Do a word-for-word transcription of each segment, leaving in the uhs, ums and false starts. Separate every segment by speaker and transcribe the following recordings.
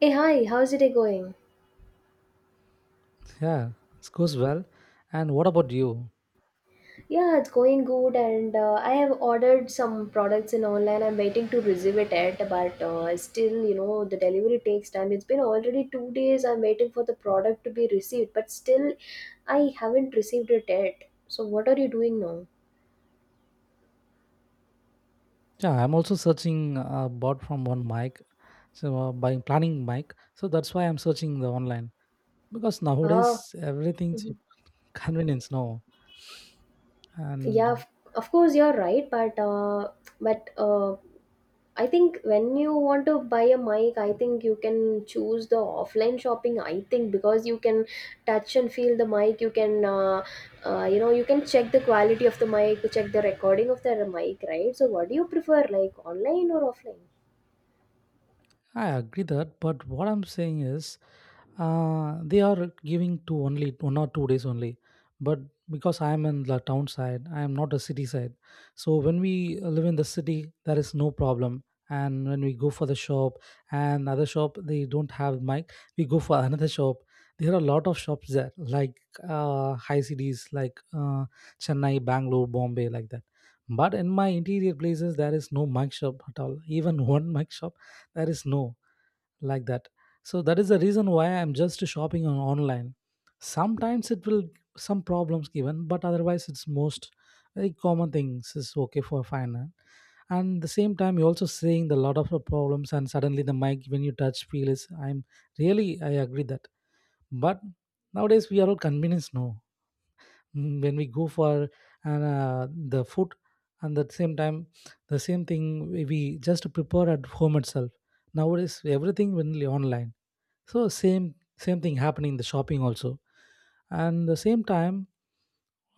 Speaker 1: Hey, hi, how's it going?
Speaker 2: Yeah, it goes well. And what about you?
Speaker 1: Yeah, it's going good, and uh, I have ordered some products in online. I'm waiting to receive it at, but uh, still, you know, the delivery takes time. It's been already two days. I'm waiting for the product to be received, but still, I haven't received it yet. So, what are you doing now?
Speaker 2: Yeah, I'm also searching uh, bought from one mic, so uh, by planning mic. So that's why I'm searching the online because
Speaker 1: Uh,
Speaker 2: nowadays everything's
Speaker 1: mhm.
Speaker 2: convenience now.
Speaker 1: Yeah,
Speaker 2: And
Speaker 1: of, of course, you're right, but uh, but uh, I think when you want to buy a mic, I think you can choose the offline shopping. I think because you can touch and feel the mic, you can, uh, uh, you know, you can check the quality of the mic, check the recording of the mic, right? So, what do you prefer, like online or offline?
Speaker 2: I agree that, but what I'm saying is Uh, they are giving to only one or two days only, but because I am in the town side, I am not a city side. So when we live in the city, there is no problem. And when we go for the shop and other shop, they don't have mic. We go for another shop. There are a lot of shops there, like uh, high cities, like uh, Chennai, Bangalore, Bombay, like that. But in my interior places, there is no mic shop at all. Even one mic shop, there is no like that. So that is the reason why I'm just shopping on online. Sometimes it will some problems given, but otherwise it's most very common things is okay for finance. And the same time you're also seeing the lot of the problems and suddenly the mic when you touch feel is I'm really I agree that, but nowadays we are all convenience now. Mm, when we go for and uh, the food and at the same time the same thing we we just prepare at home itself. Nowadays everything only online, so same same thing happening in the shopping also. And the same time,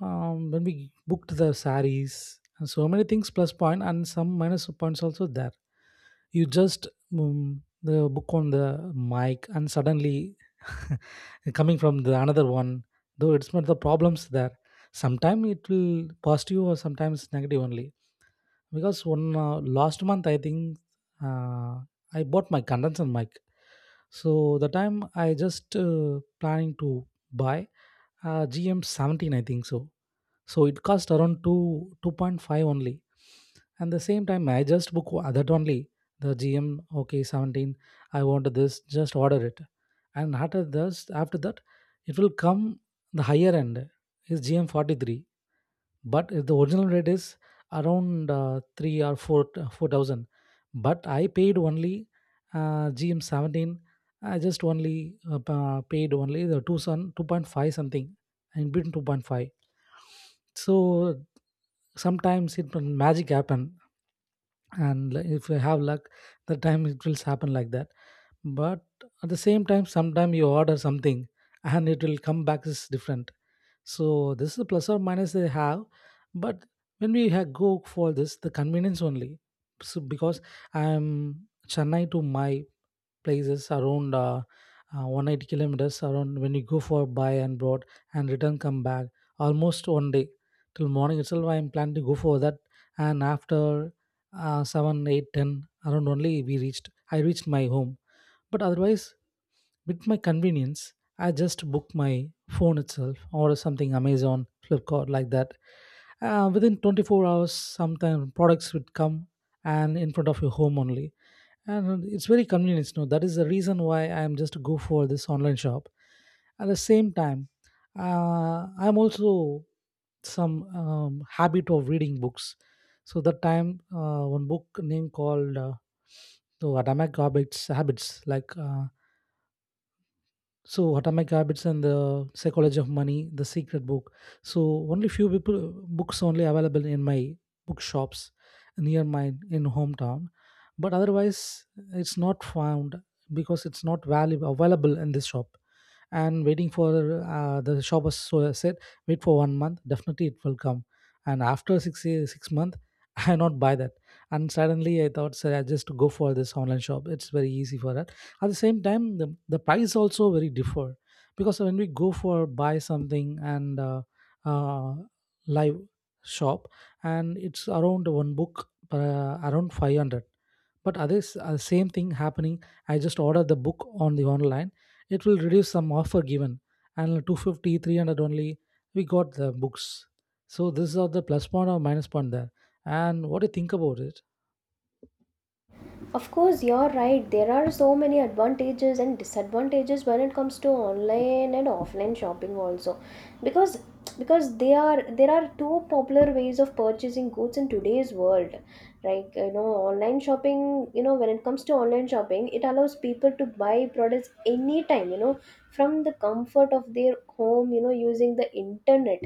Speaker 2: um, when we booked the saris and so many things plus point and some minus points also there. You just um, the book on the mic and suddenly coming from the another one, though it's not the problems there. Sometimes it will positive or sometimes negative only. Because one uh, last month, I think, uh, I bought my condenser mic. So the time I just uh, planning to buy uh, G M seventeen, I think so. So it cost around two two point five only. And the same time, I just book o- that only the G M okay seventeen. I want this, just order it. And after this, after that, it will come the higher end is G M forty-three. But if the original rate is around uh, three or four four thousand, but I paid only uh, gm seventeen. I just only uh, pa- paid only the two son two point five something and between two point five. So sometimes it will magic happen. And li- if you have luck, the time it will happen like that. But at the same time sometime you order something and it will come back is different. So this is the plus or minus they have. But when we ha- go for this the convenience only. So because I'm chennai to my places around uh, uh, one hundred eighty kilometers around. When you go for buy and brought and return come back almost one day. Till morning itself I'm planning to go for that. And after uh, seven eight ten around only we reached I reached my home. But otherwise with my convenience I just book my phone itself or something amazon flipkart like that, uh, within twenty-four hours, sometimes products would come and in front of your home only. And it's very convenient. No, that is the reason why I'm just go for this online shop. At the same time, uh, I'm also some um, habit of reading books. So that time, uh, one book name called uh, so Atomic Habits, Habits like uh, so, Atomic Habits and the Psychology of Money, the Secret Book. So, only few people books only available in my bookshops near mine in hometown. But otherwise it's not found because it's not valuable available in this shop. And waiting for uh, the shop was so said wait for one month, definitely it will come. And after six ye- six month I not buy that. And suddenly I thought sir I just go for this online shop, it's very easy for that. At the same time the, the price also very differ. Because when we go for buy something and uh, uh, live shop and it's around one book uh, around five hundred. But others uh, same thing happening. I just order the book on the online, it will reduce some offer given, and two hundred fifty three hundred only we got the books. So this is the plus point or minus point there. And what do you think about it?
Speaker 1: Of course, you're right. There are so many advantages and disadvantages when it comes to online and offline shopping also, because because they are there are two popular ways of purchasing goods in today's world. Like you know, online shopping. You know, when it comes to online shopping, it allows people to buy products anytime. You know, from the comfort of their home. You know, using the internet.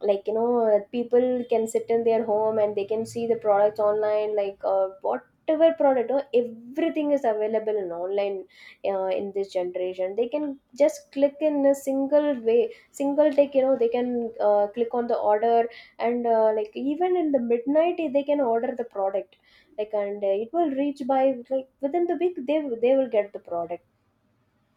Speaker 1: Like you know, people can sit in their home and they can see the products online. Like uh, what whatever product or everything is available in online uh, in this generation they can just click in a single way, single take, you know they can, uh, click on the order, and uh, like even in the midnight they can order the product, like, and uh, it will reach by, like, within the week they they will get the product.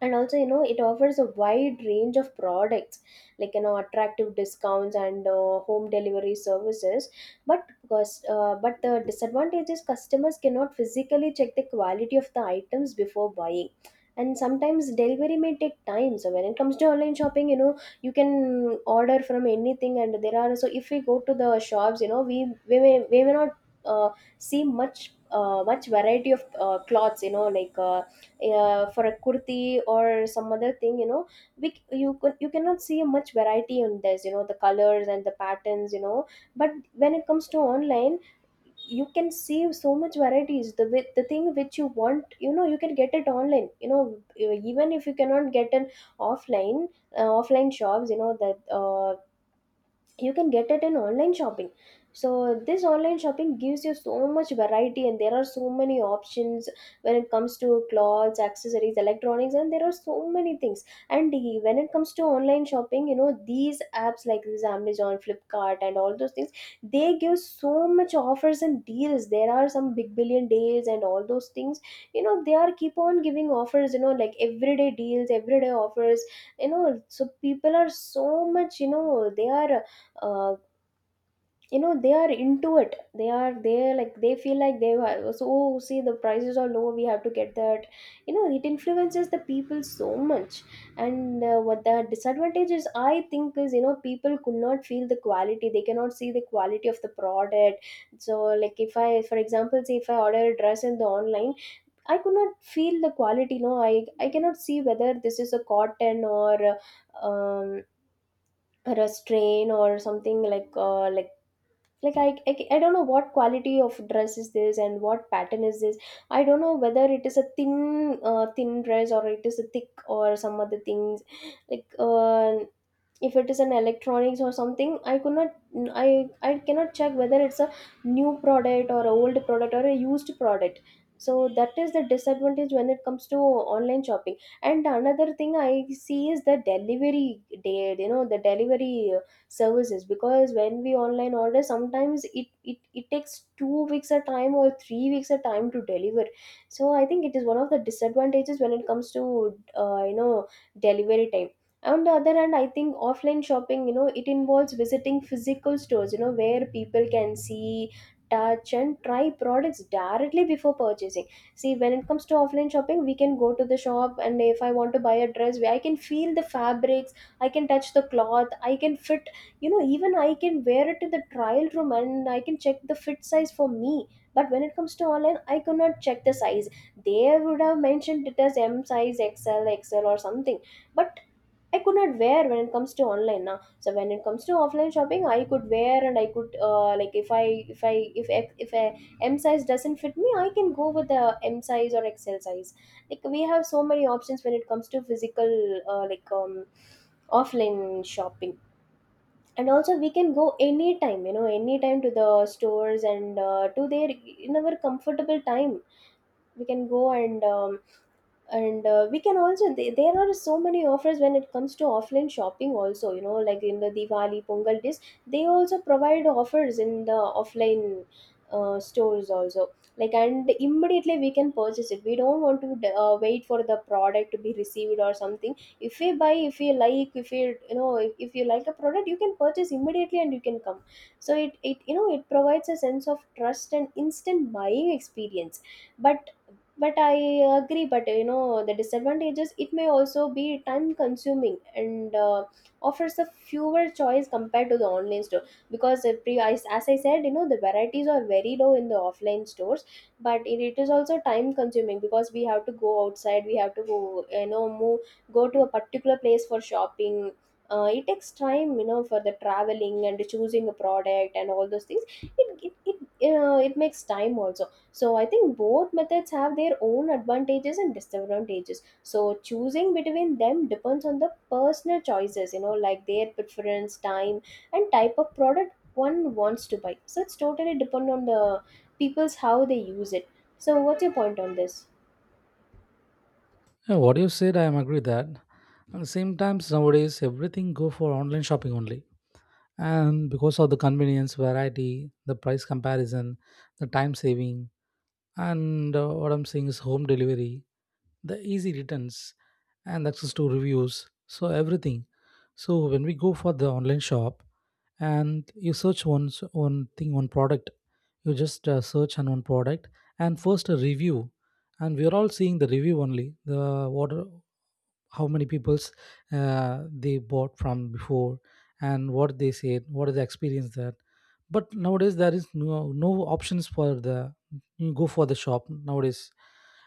Speaker 1: And also you know it offers a wide range of products, like you know attractive discounts and uh, home delivery services. But because uh, but the disadvantage is customers cannot physically check the quality of the items before buying, and sometimes delivery may take time. So when it comes to online shopping, you know you can order from anything, and there are so, if we go to the shops, you know we we may, we may not uh, see much, uh, much variety of, uh, clothes, you know like uh, uh, for a kurti or some other thing, you know we, c- you could, you cannot see much variety on this, you know the colors and the patterns, you know but when it comes to online you can see so much varieties, the wi- the thing which you want, you know you can get it online, you know even if you cannot get an offline, uh, offline shops, you know that, uh, you can get it in online shopping. So this online shopping gives you so much variety, and there are so many options when it comes to clothes, accessories, electronics, and there are so many things. And the- when it comes to online shopping, you know these apps like this Amazon, Flipkart and all those things, they give so much offers and deals. There are some big billion days and all those things, you know they are keep on giving offers, you know like everyday deals, everyday offers, you know so people are so much, you know they are, uh, you know they are into it, they are there, like they feel like they have so, oh, see the prices are low, we have to get that, you know it influences the people so much. And uh, what the disadvantage is, I think, is, you know people could not feel the quality, they cannot see the quality of the product. So like if I, for example, say if I order a dress in the online, I could not feel the quality. No, i i cannot see whether this is a cotton or uh, um a strain or something, like uh, like like I, I I don't know what quality of dress is this and what pattern is this. I don't know whether it is a thin, uh, thin dress, or it is a thick or some other things, like, uh, if it is an electronics or something. I could not I I cannot check whether it's a new product or a old product or a used product. So that is the disadvantage when it comes to online shopping. And another thing I see is the delivery day, you know the delivery, uh, services. Because when we online order sometimes it, it it takes two weeks a time or three weeks a time to deliver. So I think it is one of the disadvantages when it comes to, uh, you know delivery time. On the other hand, I think offline shopping, you know it involves visiting physical stores, you know where people can see, touch and try products directly before purchasing. See, when it comes to offline shopping, we can go to the shop, and if I want to buy a dress, where I can feel the fabrics, I can touch the cloth, I can fit, you know even I can wear it in the trial room, and I can check the fit size for me. But when it comes to online I could not check the size. They would have mentioned it as M size, XL, XL or something. But I could not wear when it comes to online now. So when it comes to offline shopping, I could wear, and I could, uh, like if I if I if F- if a M size doesn't fit me, I can go with a M size or X L size. Like we have so many options when it comes to physical, uh, like um offline shopping. And also we can go anytime, you know anytime to the stores, and uh, to their, in our comfortable time we can go, and um, and uh, we can also th- there are so many offers when it comes to offline shopping also, you know like in the Diwali, Pongal days, they also provide offers in the offline, uh, stores also, like, and immediately we can purchase it, we don't want to d-, uh, wait for the product to be received or something. If you buy, if you like, if you, you know if, if you like a product, you can purchase immediately, and you can come. So it, it you know it provides a sense of trust and instant buying experience. but but I agree, but you know the disadvantages, it may also be time consuming, and uh, offers a fewer choice compared to the online store. Because the pre-, as as I said, you know the varieties are very low in the offline stores. But it, it is also time consuming, because we have to go outside, we have to go, you know move, go to a particular place for shopping. Uh, it takes time, you know for the traveling and choosing a product and all those things. It it, it, uh, it makes time also. So I think both methods have their own advantages and disadvantages. So choosing between them depends on the personal choices, you know, like their preference, time, and type of product one wants to buy. So it's totally depend on the people's how they use it. So what's your point on this?
Speaker 2: Yeah, what you said I am agree with that. At the same times nowadays everything go for online shopping only. And because of the convenience variety, the price comparison, the time saving, and uh, what I'm saying is home delivery, the easy returns and access to reviews, so everything. So when we go for the online shop and you search one one thing one product. You just uh, search on one product and first a review. And we are all seeing the review only. The what are- how many people's uh, they bought from before and what they said what is the experience that. But nowadays there is no no options for the. You go for the shop nowadays.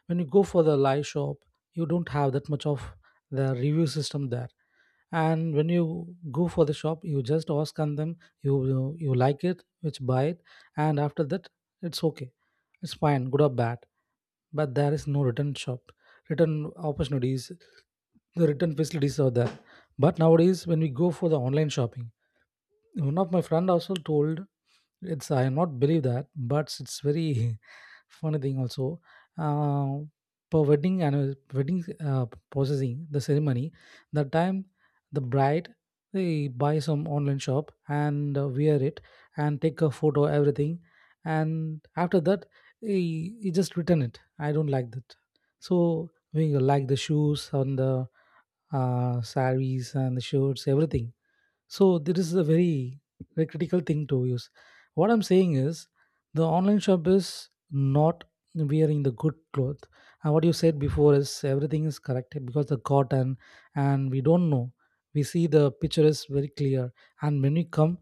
Speaker 2: When you go for the live shop you don't have that much of the review system there. And when you go for the shop you just ask on them. you you, you like it which buy it. And after that it's okay, it's fine, good or bad. But there is no return shop, return opportunities, the return facilities are there. But nowadays when we go for the online shopping one of my friend also told it's I am not believe that but it's very funny thing also. uh, Per wedding and wedding uh, processing the ceremony, that time the bride they buy some online shop and uh, wear it and take a photo everything. And after that he, he just return it, I don't like that. So we like the shoes and the uh, saris and the shirts everything. So this is a very, very critical thing to use. What I'm saying is the online shop is not wearing the good cloth. And what you said before is everything is correct because the cotton and we don't know. We see the picture is very clear. And when we come,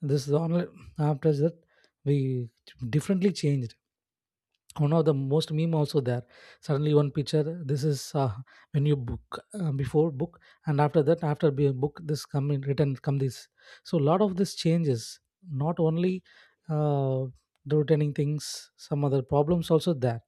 Speaker 2: this is the online. After that we differently changed. One of the most meme also there. Suddenly one picture this is uh, when you book uh, before book. And after that after be book this come in written come this. So a lot of this changes. Not only uh, the returning things, some other problems also there.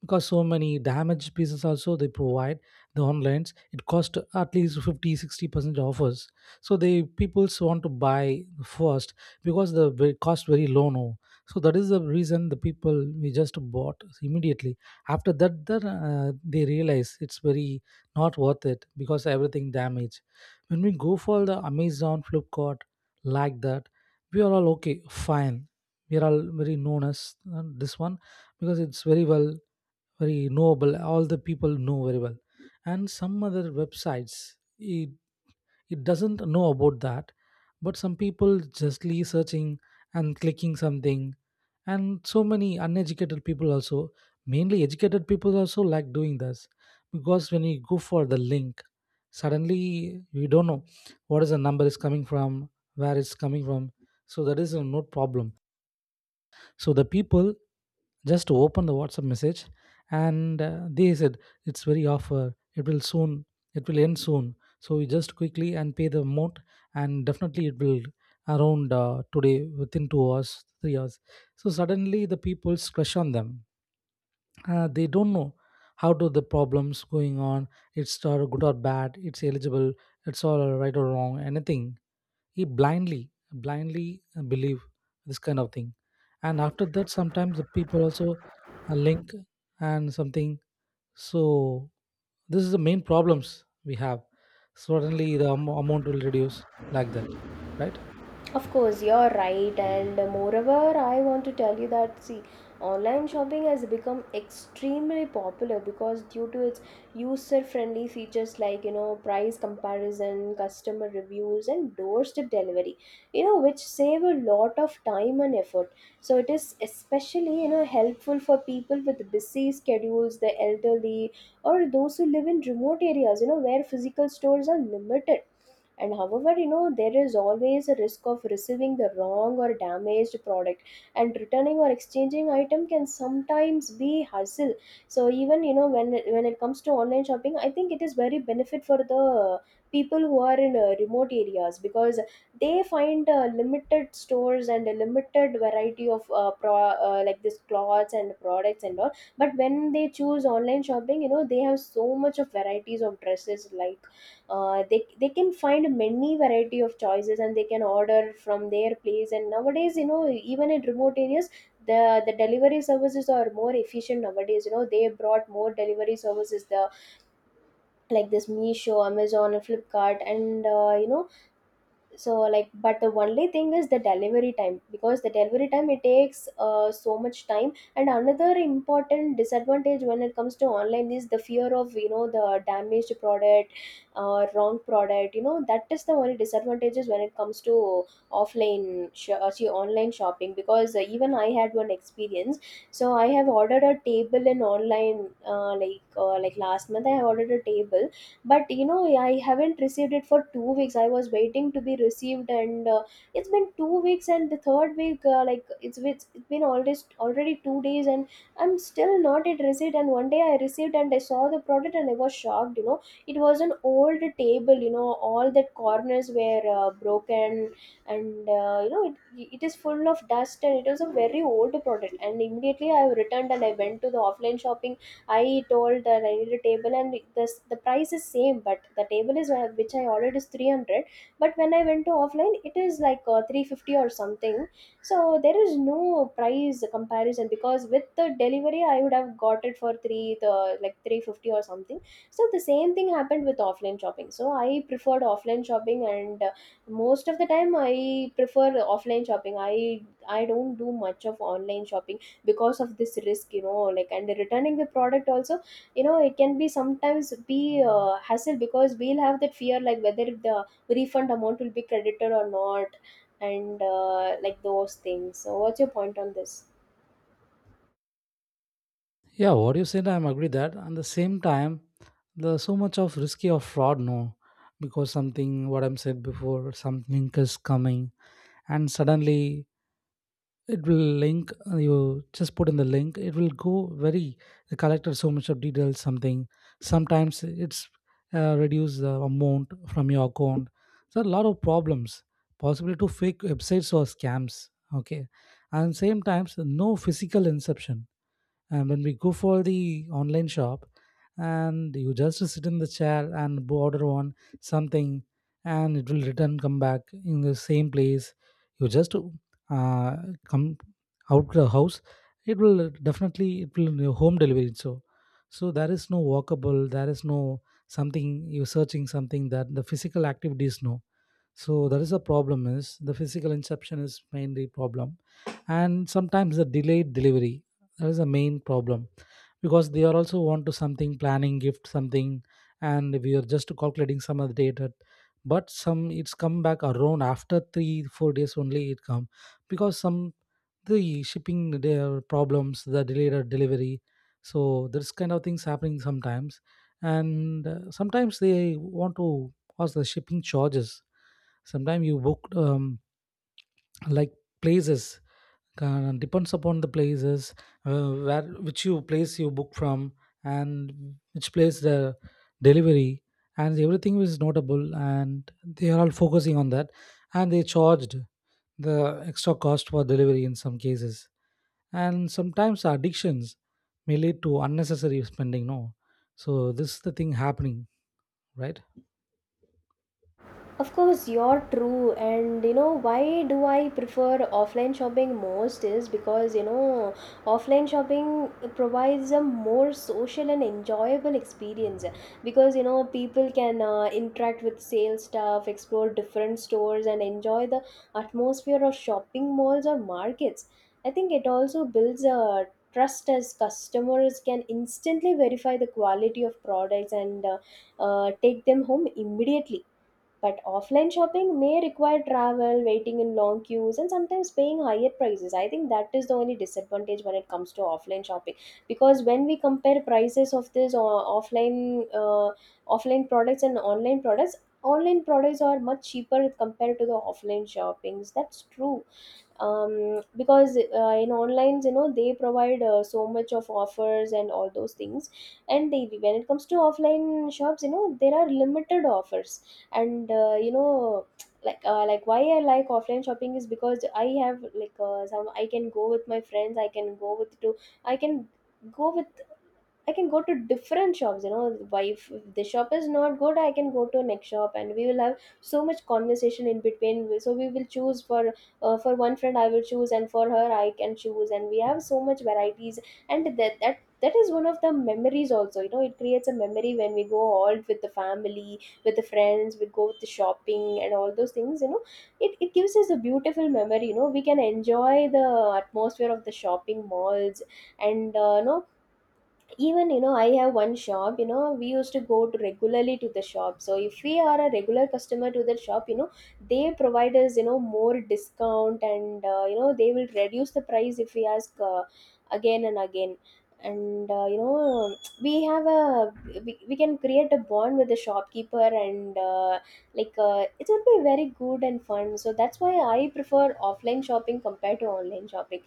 Speaker 2: Because so many damaged pieces also they provide. The onlines it cost at least fifty, sixty percent offers. So the peoples want to buy first because the ve- cost very low now. So that is the reason the people we just bought immediately. After that then, uh, they realize it's very not worth it because everything damaged. When we go for the amazon flipkart like that, we are all okay fine. We are all very known as uh, this one because it's very well very knowable all the people know very well. And some other websites it, it doesn't know about that. But some people justly searching and clicking something. And so many uneducated people also, mainly educated people also like doing this. Because when you go for the link suddenly we don't know what is the number is coming from, where it's coming from. So that is a no problem. So the people just open the WhatsApp message and uh, they said it's very offer. It will soon. It will end soon. So you just quickly and pay the amount and definitely it will around uh, today within two hours, three hours. So suddenly the people's crush on them. Uh, they don't know how do the problems going on. It's uh, good or bad. It's eligible. It's all right or wrong. Anything he blindly blindly uh, believe this kind of thing. And after that, sometimes the people also uh, link and something. So this is the main problems we have. Certainly the am- amount will reduce like that, right?
Speaker 1: Of course, you're right, and moreover, I want to tell you that, see, online shopping has become extremely popular because due to its user-friendly features, like you know, price comparison, customer reviews, and doorstep delivery, you know, which save a lot of time and effort. So it is especially you know helpful for people with busy schedules, the elderly, or those who live in remote areas, you know, where physical stores are limited. And however, you know there is always a risk of receiving the wrong or damaged product, and returning or exchanging item can sometimes be hassle. So even you know when when it comes to online shopping, I think it is very benefit for the people who are in uh, remote areas, because they find uh, limited stores and a limited variety of uh, pro uh, like this clothes and products and all. But when they choose online shopping, you know they have so much of varieties of dresses like uh, they they can find many variety of choices, and they can order from their place. And nowadays, you know even in remote areas, the the delivery services are more efficient nowadays. You know they brought more delivery services, the like this Meesho, Amazon, and Flipkart, and uh, you know so like, but the only thing is the delivery time, because the delivery time it takes uh, so much time. And another important disadvantage when it comes to online is the fear of you know the damaged product, uh, wrong product. You know that is the only disadvantages when it comes to offline sh- uh, see, online shopping, because uh, even I had one experience. So I have ordered a table in online, uh, like uh, like last month I have ordered a table. But you know I haven't received it for two weeks. I was waiting to be received, and uh, it's been two weeks. And the third week, uh, like it's, it's it's been already already two days, and I'm still not at receipt. And one day I received, and I saw the product, and I was shocked. You know it was an old table. You know all the corners were uh, broken, and uh, you know it, it is full of dust, and it was a very old product. And immediately I returned, and I went to the offline shopping. I told that I need a table, and the the price is same, but the table is uh, which I ordered is three hundred. But when I went to offline, it is like uh, three fifty or something. So there is no price comparison, because with the delivery, I would have got it for three the like three fifty or something. So the same thing happened with offline shopping. So I preferred offline shopping, and Uh, most of the time I prefer offline shopping. I i don't do much of online shopping, because of this risk. You know like, and returning the product also, you know it can be sometimes be uh, hassle, because we'll have that fear like whether the refund amount will be credited or not, and uh, like those things. So what's your point on this?
Speaker 2: Yeah, what you said, I'm agree that. And the same time, there's so much of risky of fraud, no? Because something what I'm said before, something is coming and suddenly it will link, uh, you just put in the link, it will go very. The collected so much of details something. Sometimes it's uh, reduce the amount from your account. So a lot of problems, possibly to fake websites or scams, okay. And same times no physical inception. And when we go for the online shop, and you just sit in the chair and bo- order on something, and it will return come back in the same place, you just uh, come out the house, it will definitely it will your home delivery. So so there is no walkable, there is no something you're searching something, that the physical activity is no. So that is a problem, is the physical inception is mainly problem. And sometimes the delayed delivery, that is the main problem, because they are also want to something planning gift something, and we are just calculating some of the data, but some it's come back around after three four days only it come, because some the shipping their problems, the delayed or delivery. So this kind of things happening sometimes. And uh, sometimes they want to cause the shipping charges. Sometimes you book um, like places, uh, depends upon the places, uh, where which you place you book from, and which place the delivery, and everything is notable and they are all focusing on that, and they charged the extra cost for delivery in some cases. And sometimes addictions may lead to unnecessary spending, no. So this is the thing happening, right.
Speaker 1: Of course, you're true. And you know, why do I prefer offline shopping most is because you know, offline shopping provides a more social and enjoyable experience, because you know, people can uh, interact with sales staff, explore different stores, and enjoy the atmosphere of shopping malls or markets. I think it also builds a trust, as customers can instantly verify the quality of products, and uh, uh, take them home immediately. But offline shopping may require travel, waiting in long queues, and sometimes paying higher prices. I think that is the only disadvantage when it comes to offline shopping, because when we compare prices of this uh, offline uh, offline products and online products, online products are much cheaper compared to the offline shoppings. That's true. Um, because uh, in online, you know they provide uh, so much of offers and all those things. And they, when it comes to offline shops, you know there are limited offers. And uh, you know like uh, like why I like offline shopping is because I have like uh, some. I can go with my friends, I can go with to I can go with I can go to different shops. You know, why if if the shop is not good, I can go to next shop, and we will have so much conversation in between. So we will choose for uh, for one friend. I will choose, and for her I can choose, and we have so much varieties. And that that that is one of the memories also. You know it creates a memory when we go all with the family, with the friends. We go with the shopping and all those things. you know it, it gives us a beautiful memory. You know we can enjoy the atmosphere of the shopping malls. And uh, no, even you know I have one shop. You know we used to go to regularly to the shop. So if we are a regular customer to that shop, you know they provide us, you know more discount. And uh, you know they will reduce the price if we ask uh, again and again. And uh, you know we have a we, we can create a bond with the shopkeeper, and uh, like uh, it will be very good and fun. So that's why I prefer offline shopping compared to online shopping.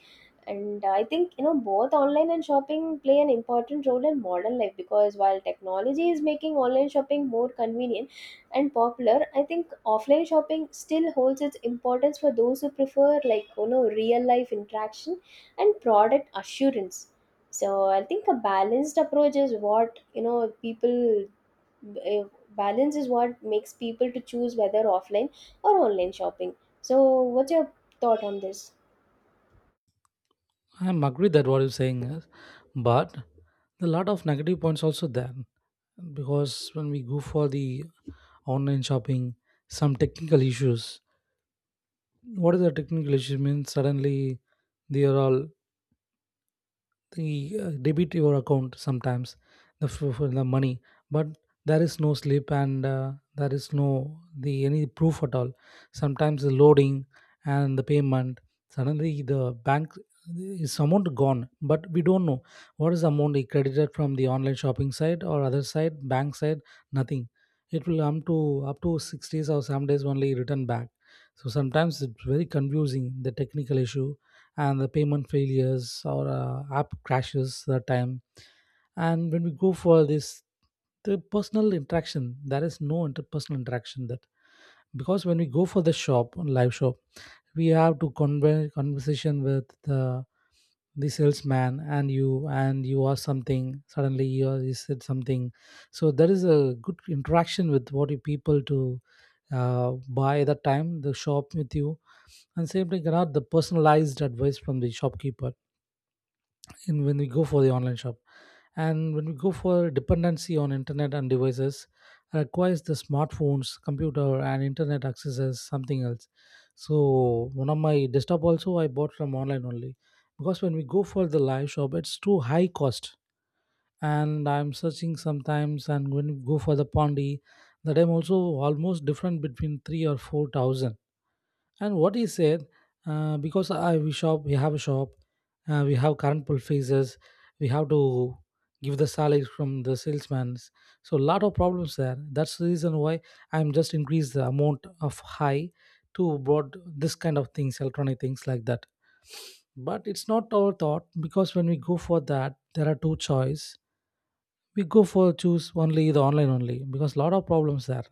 Speaker 1: And uh, I think you know both online and shopping play an important role in modern life, because while technology is making online shopping more convenient and popular, I think offline shopping still holds its importance for those who prefer like you know real life interaction and product assurance. So I think a balanced approach is what you know people eh, balance is what makes people to choose whether offline or online shopping. So what's your thought on this?
Speaker 2: I'm agree that what you're saying is, but a lot of negative points also there, because when we go for the online shopping, some technical issues. What is the technical issue? Means suddenly they are all the uh, debit your account sometimes the for, for the money, but there is no slip and uh, there is no the any proof at all. Sometimes the loading and the payment, suddenly the bank is amount gone, but we don't know what is the amount he credited from the online shopping site or other side bank side, nothing. It will come to up to six days or seven days only return back. So sometimes it's very confusing, the technical issue and the payment failures or uh, app crashes that time. And when we go for this, the personal interaction, there is no interpersonal interaction that, because when we go for the shop, live shop, we have to conver- conversation with the the salesman, and you and you ask something, suddenly you, are- you said something. So there is a good interaction with what you people to uh, buy that time the shop with you. And same thing cannot the personalized advice from the shopkeeper in when we go for the online shop. And when we go for dependency on internet and devices, requires the smartphones, computer, and internet access as something else. So one of my desktop also I bought from online only, because when we go for the live shop it's too high cost. And I'm searching sometimes, and when we go for the pondy, the time also almost different between three or four thousand. And what he said, uh, because I, we shop, we have a shop, uh, we have current purchases, we have to give the salary from the salesman. So lot of problems there. That's the reason why I'm just increase the amount of high to bought this kind of things, electronic things like that. But it's not our thought, because when we go for that, there are two choice. We go for choose only the online only because lot of problems there.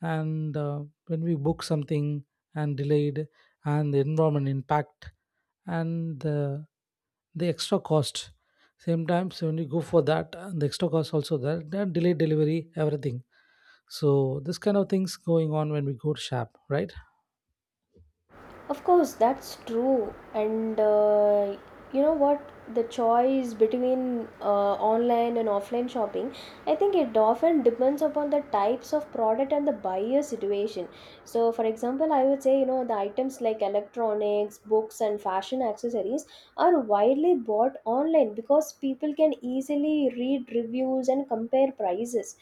Speaker 2: And uh, when we book something and delayed, and the environment impact, and the the extra cost. Same time, so when you go for that and the extra cost also there, that delayed delivery, everything. So this kind of things going on when we go to shop, right.
Speaker 1: Of course, that's true. And uh, you know what? The choice between uh, online and offline shopping, I think it often depends upon the types of product and the buyer situation. So, for example, I would say, you know, the items like electronics, books, and fashion accessories are widely bought online, because people can easily read reviews and compare prices.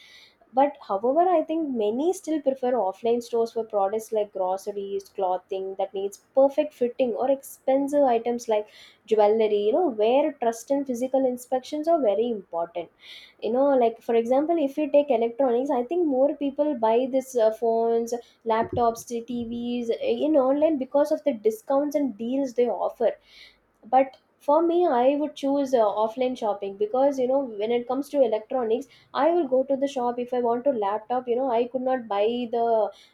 Speaker 1: But however, I think many still prefer offline stores for products like groceries, clothing that needs perfect fitting, or expensive items like jewelry, you know, where trust and physical inspections are very important. You know, like for example, if you take electronics, I think more people buy this uh, phones, laptops, T Vs in online, because of the discounts and deals they offer. But for me, I would choose uh, offline shopping, because you know when it comes to electronics, I will go to the shop. If I want to laptop, you know I could not buy the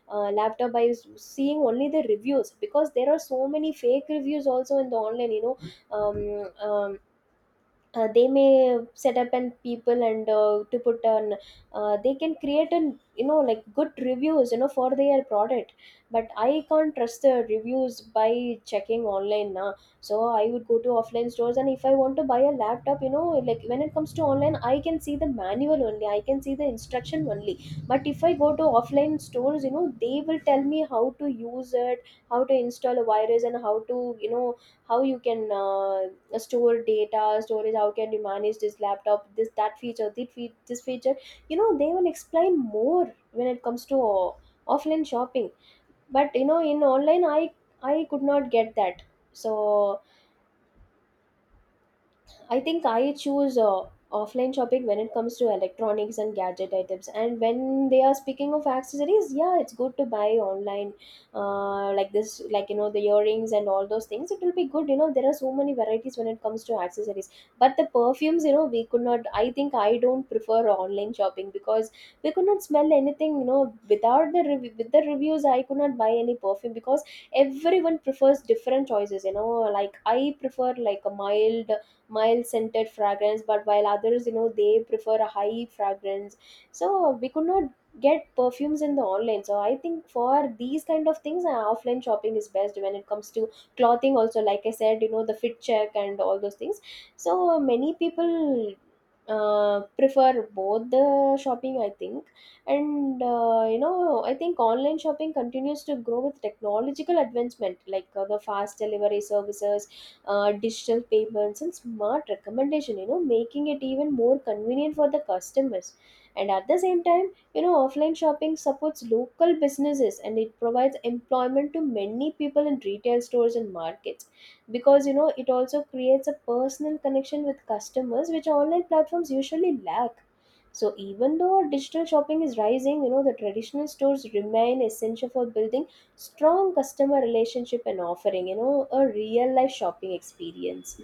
Speaker 1: uh, laptop by s- seeing only the reviews, because there are so many fake reviews also in the online. you know um, um, uh, they may set up, and people, and uh, to put on, uh, they can create an you know like good reviews you know for their product. But I can't trust the reviews by checking online now. So I would go to offline stores. And if I want to buy a laptop, you know like when it comes to online, I can see the manual only, I can see the instruction only. But if I go to offline stores, you know they will tell me how to use it, how to install a virus, and how to you know how you can uh, store data storage. How can you manage this laptop, this, that feature, this, fe- this feature. You know they will explain more when it comes to uh, offline shopping. But you know in online, i i could not get that. So I think I choose uh, offline shopping when it comes to electronics and gadget items. And when they are speaking of accessories, yeah, it's good to buy online, uh, like this, like you know, the earrings and all those things. It will be good, you know. There are so many varieties when it comes to accessories. But the perfumes, you know, we could not. I think I don't prefer online shopping, because we could not smell anything, you know, without the rev- with the reviews. I could not buy any perfume, because everyone prefers different choices. You know, like I prefer like a mild mild scented fragrance, but while others, you know they prefer a high fragrance. So we could not get perfumes in the online. So I think for these kind of things, uh, offline shopping is best. When it comes to clothing also, like I said, you know the fit check and all those things. So many people uh, prefer both the shopping, I think. And uh, you know I think online shopping continues to grow with technological advancement like uh, the fast delivery services, uh, digital payments, and smart recommendation, you know making it even more convenient for the customers. And at the same time, you know offline shopping supports local businesses, and it provides employment to many people in retail stores and markets, because you know it also creates a personal connection with customers, which online platforms usually lack. So even though digital shopping is rising, you know the traditional stores remain essential for building strong customer relationship, and offering you know a real life shopping experience.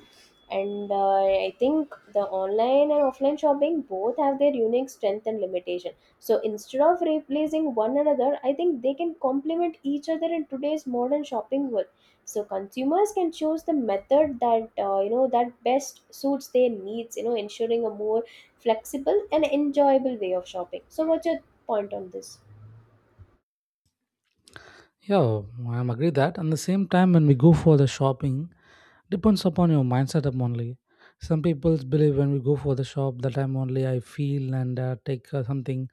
Speaker 1: And uh, I think the online and offline shopping both have their unique strength and limitation. So instead of replacing one another, I think they can complement each other in today's modern shopping world. So consumers can choose the method that uh, you know that best suits their needs, you know ensuring a more flexible and enjoyable way of shopping. So what's your point on this?
Speaker 2: Yeah, I'm agree that. And the same time, when we go for the shopping, depends upon your mindset up only. Some people believe when we go for the shop, the time only I feel and uh, take uh, something.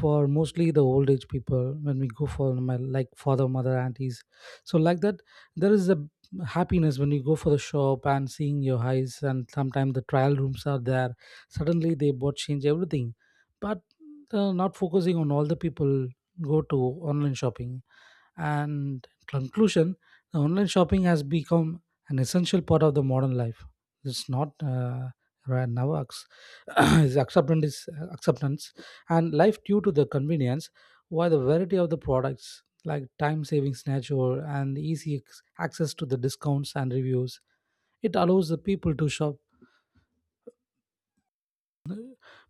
Speaker 2: For mostly the old age people, when we go for my like father, mother, aunties, so like that, there is a happiness when you go for the shop and seeing your eyes. And sometimes the trial rooms are there. Suddenly they bought change everything, but uh, not focusing on all the people go to online shopping. And in conclusion, the online shopping has become an essential part of the modern life. It's not uh, right now ex- is acceptance, acceptance and life, due to the convenience, while the variety of the products like time savings nature and easy ex- access to the discounts and reviews, it allows the people to shop.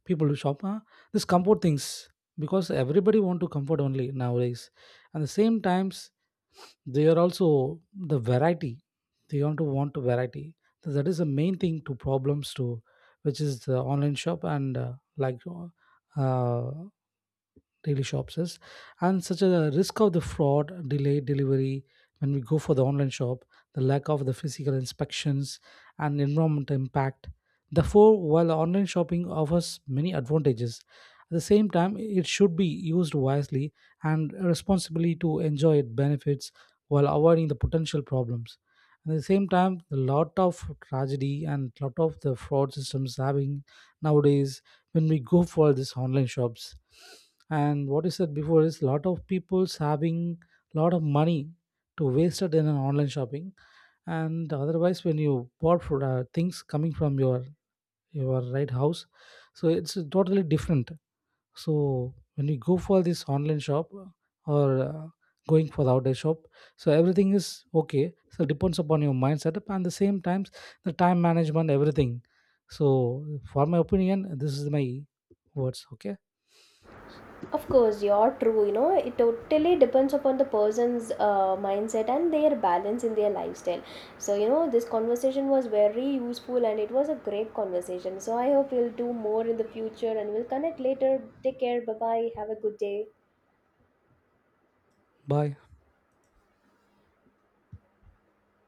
Speaker 2: People to shop, huh? This comfort things, because everybody want to comfort only nowadays. And the same times they are also the variety, they want to want variety. So that is the main thing to problems to, which is the online shop and uh, like uh, daily shops is, and such a risk of the fraud, delayed delivery when we go for the online shop, the lack of the physical inspections, and environmental impact. Therefore, while online shopping offers many advantages, at the same time it should be used wisely and responsibly to enjoy its benefits while avoiding the potential problems. At the same time, a lot of tragedy and lot of the fraud systems having nowadays when we go for these online shops. And what you said before is lot of people's having lot of money to waste it in an online shopping. And otherwise when you bought for uh, things coming from your your right house, so it's totally different. So when you go for this online shop, uh, or uh, going for the outdoor shop, so everything is okay. So depends upon your mind setup, and the same times the time management, everything. So for my opinion, this is my words, okay.
Speaker 1: Of course, you're true. You know it totally depends upon the person's uh, mindset and their balance in their lifestyle. So you know this conversation was very useful, and it was a great conversation. So I hope we'll do more in the future, and we'll connect later. Take care. Bye bye. Have a good day.
Speaker 2: Bye.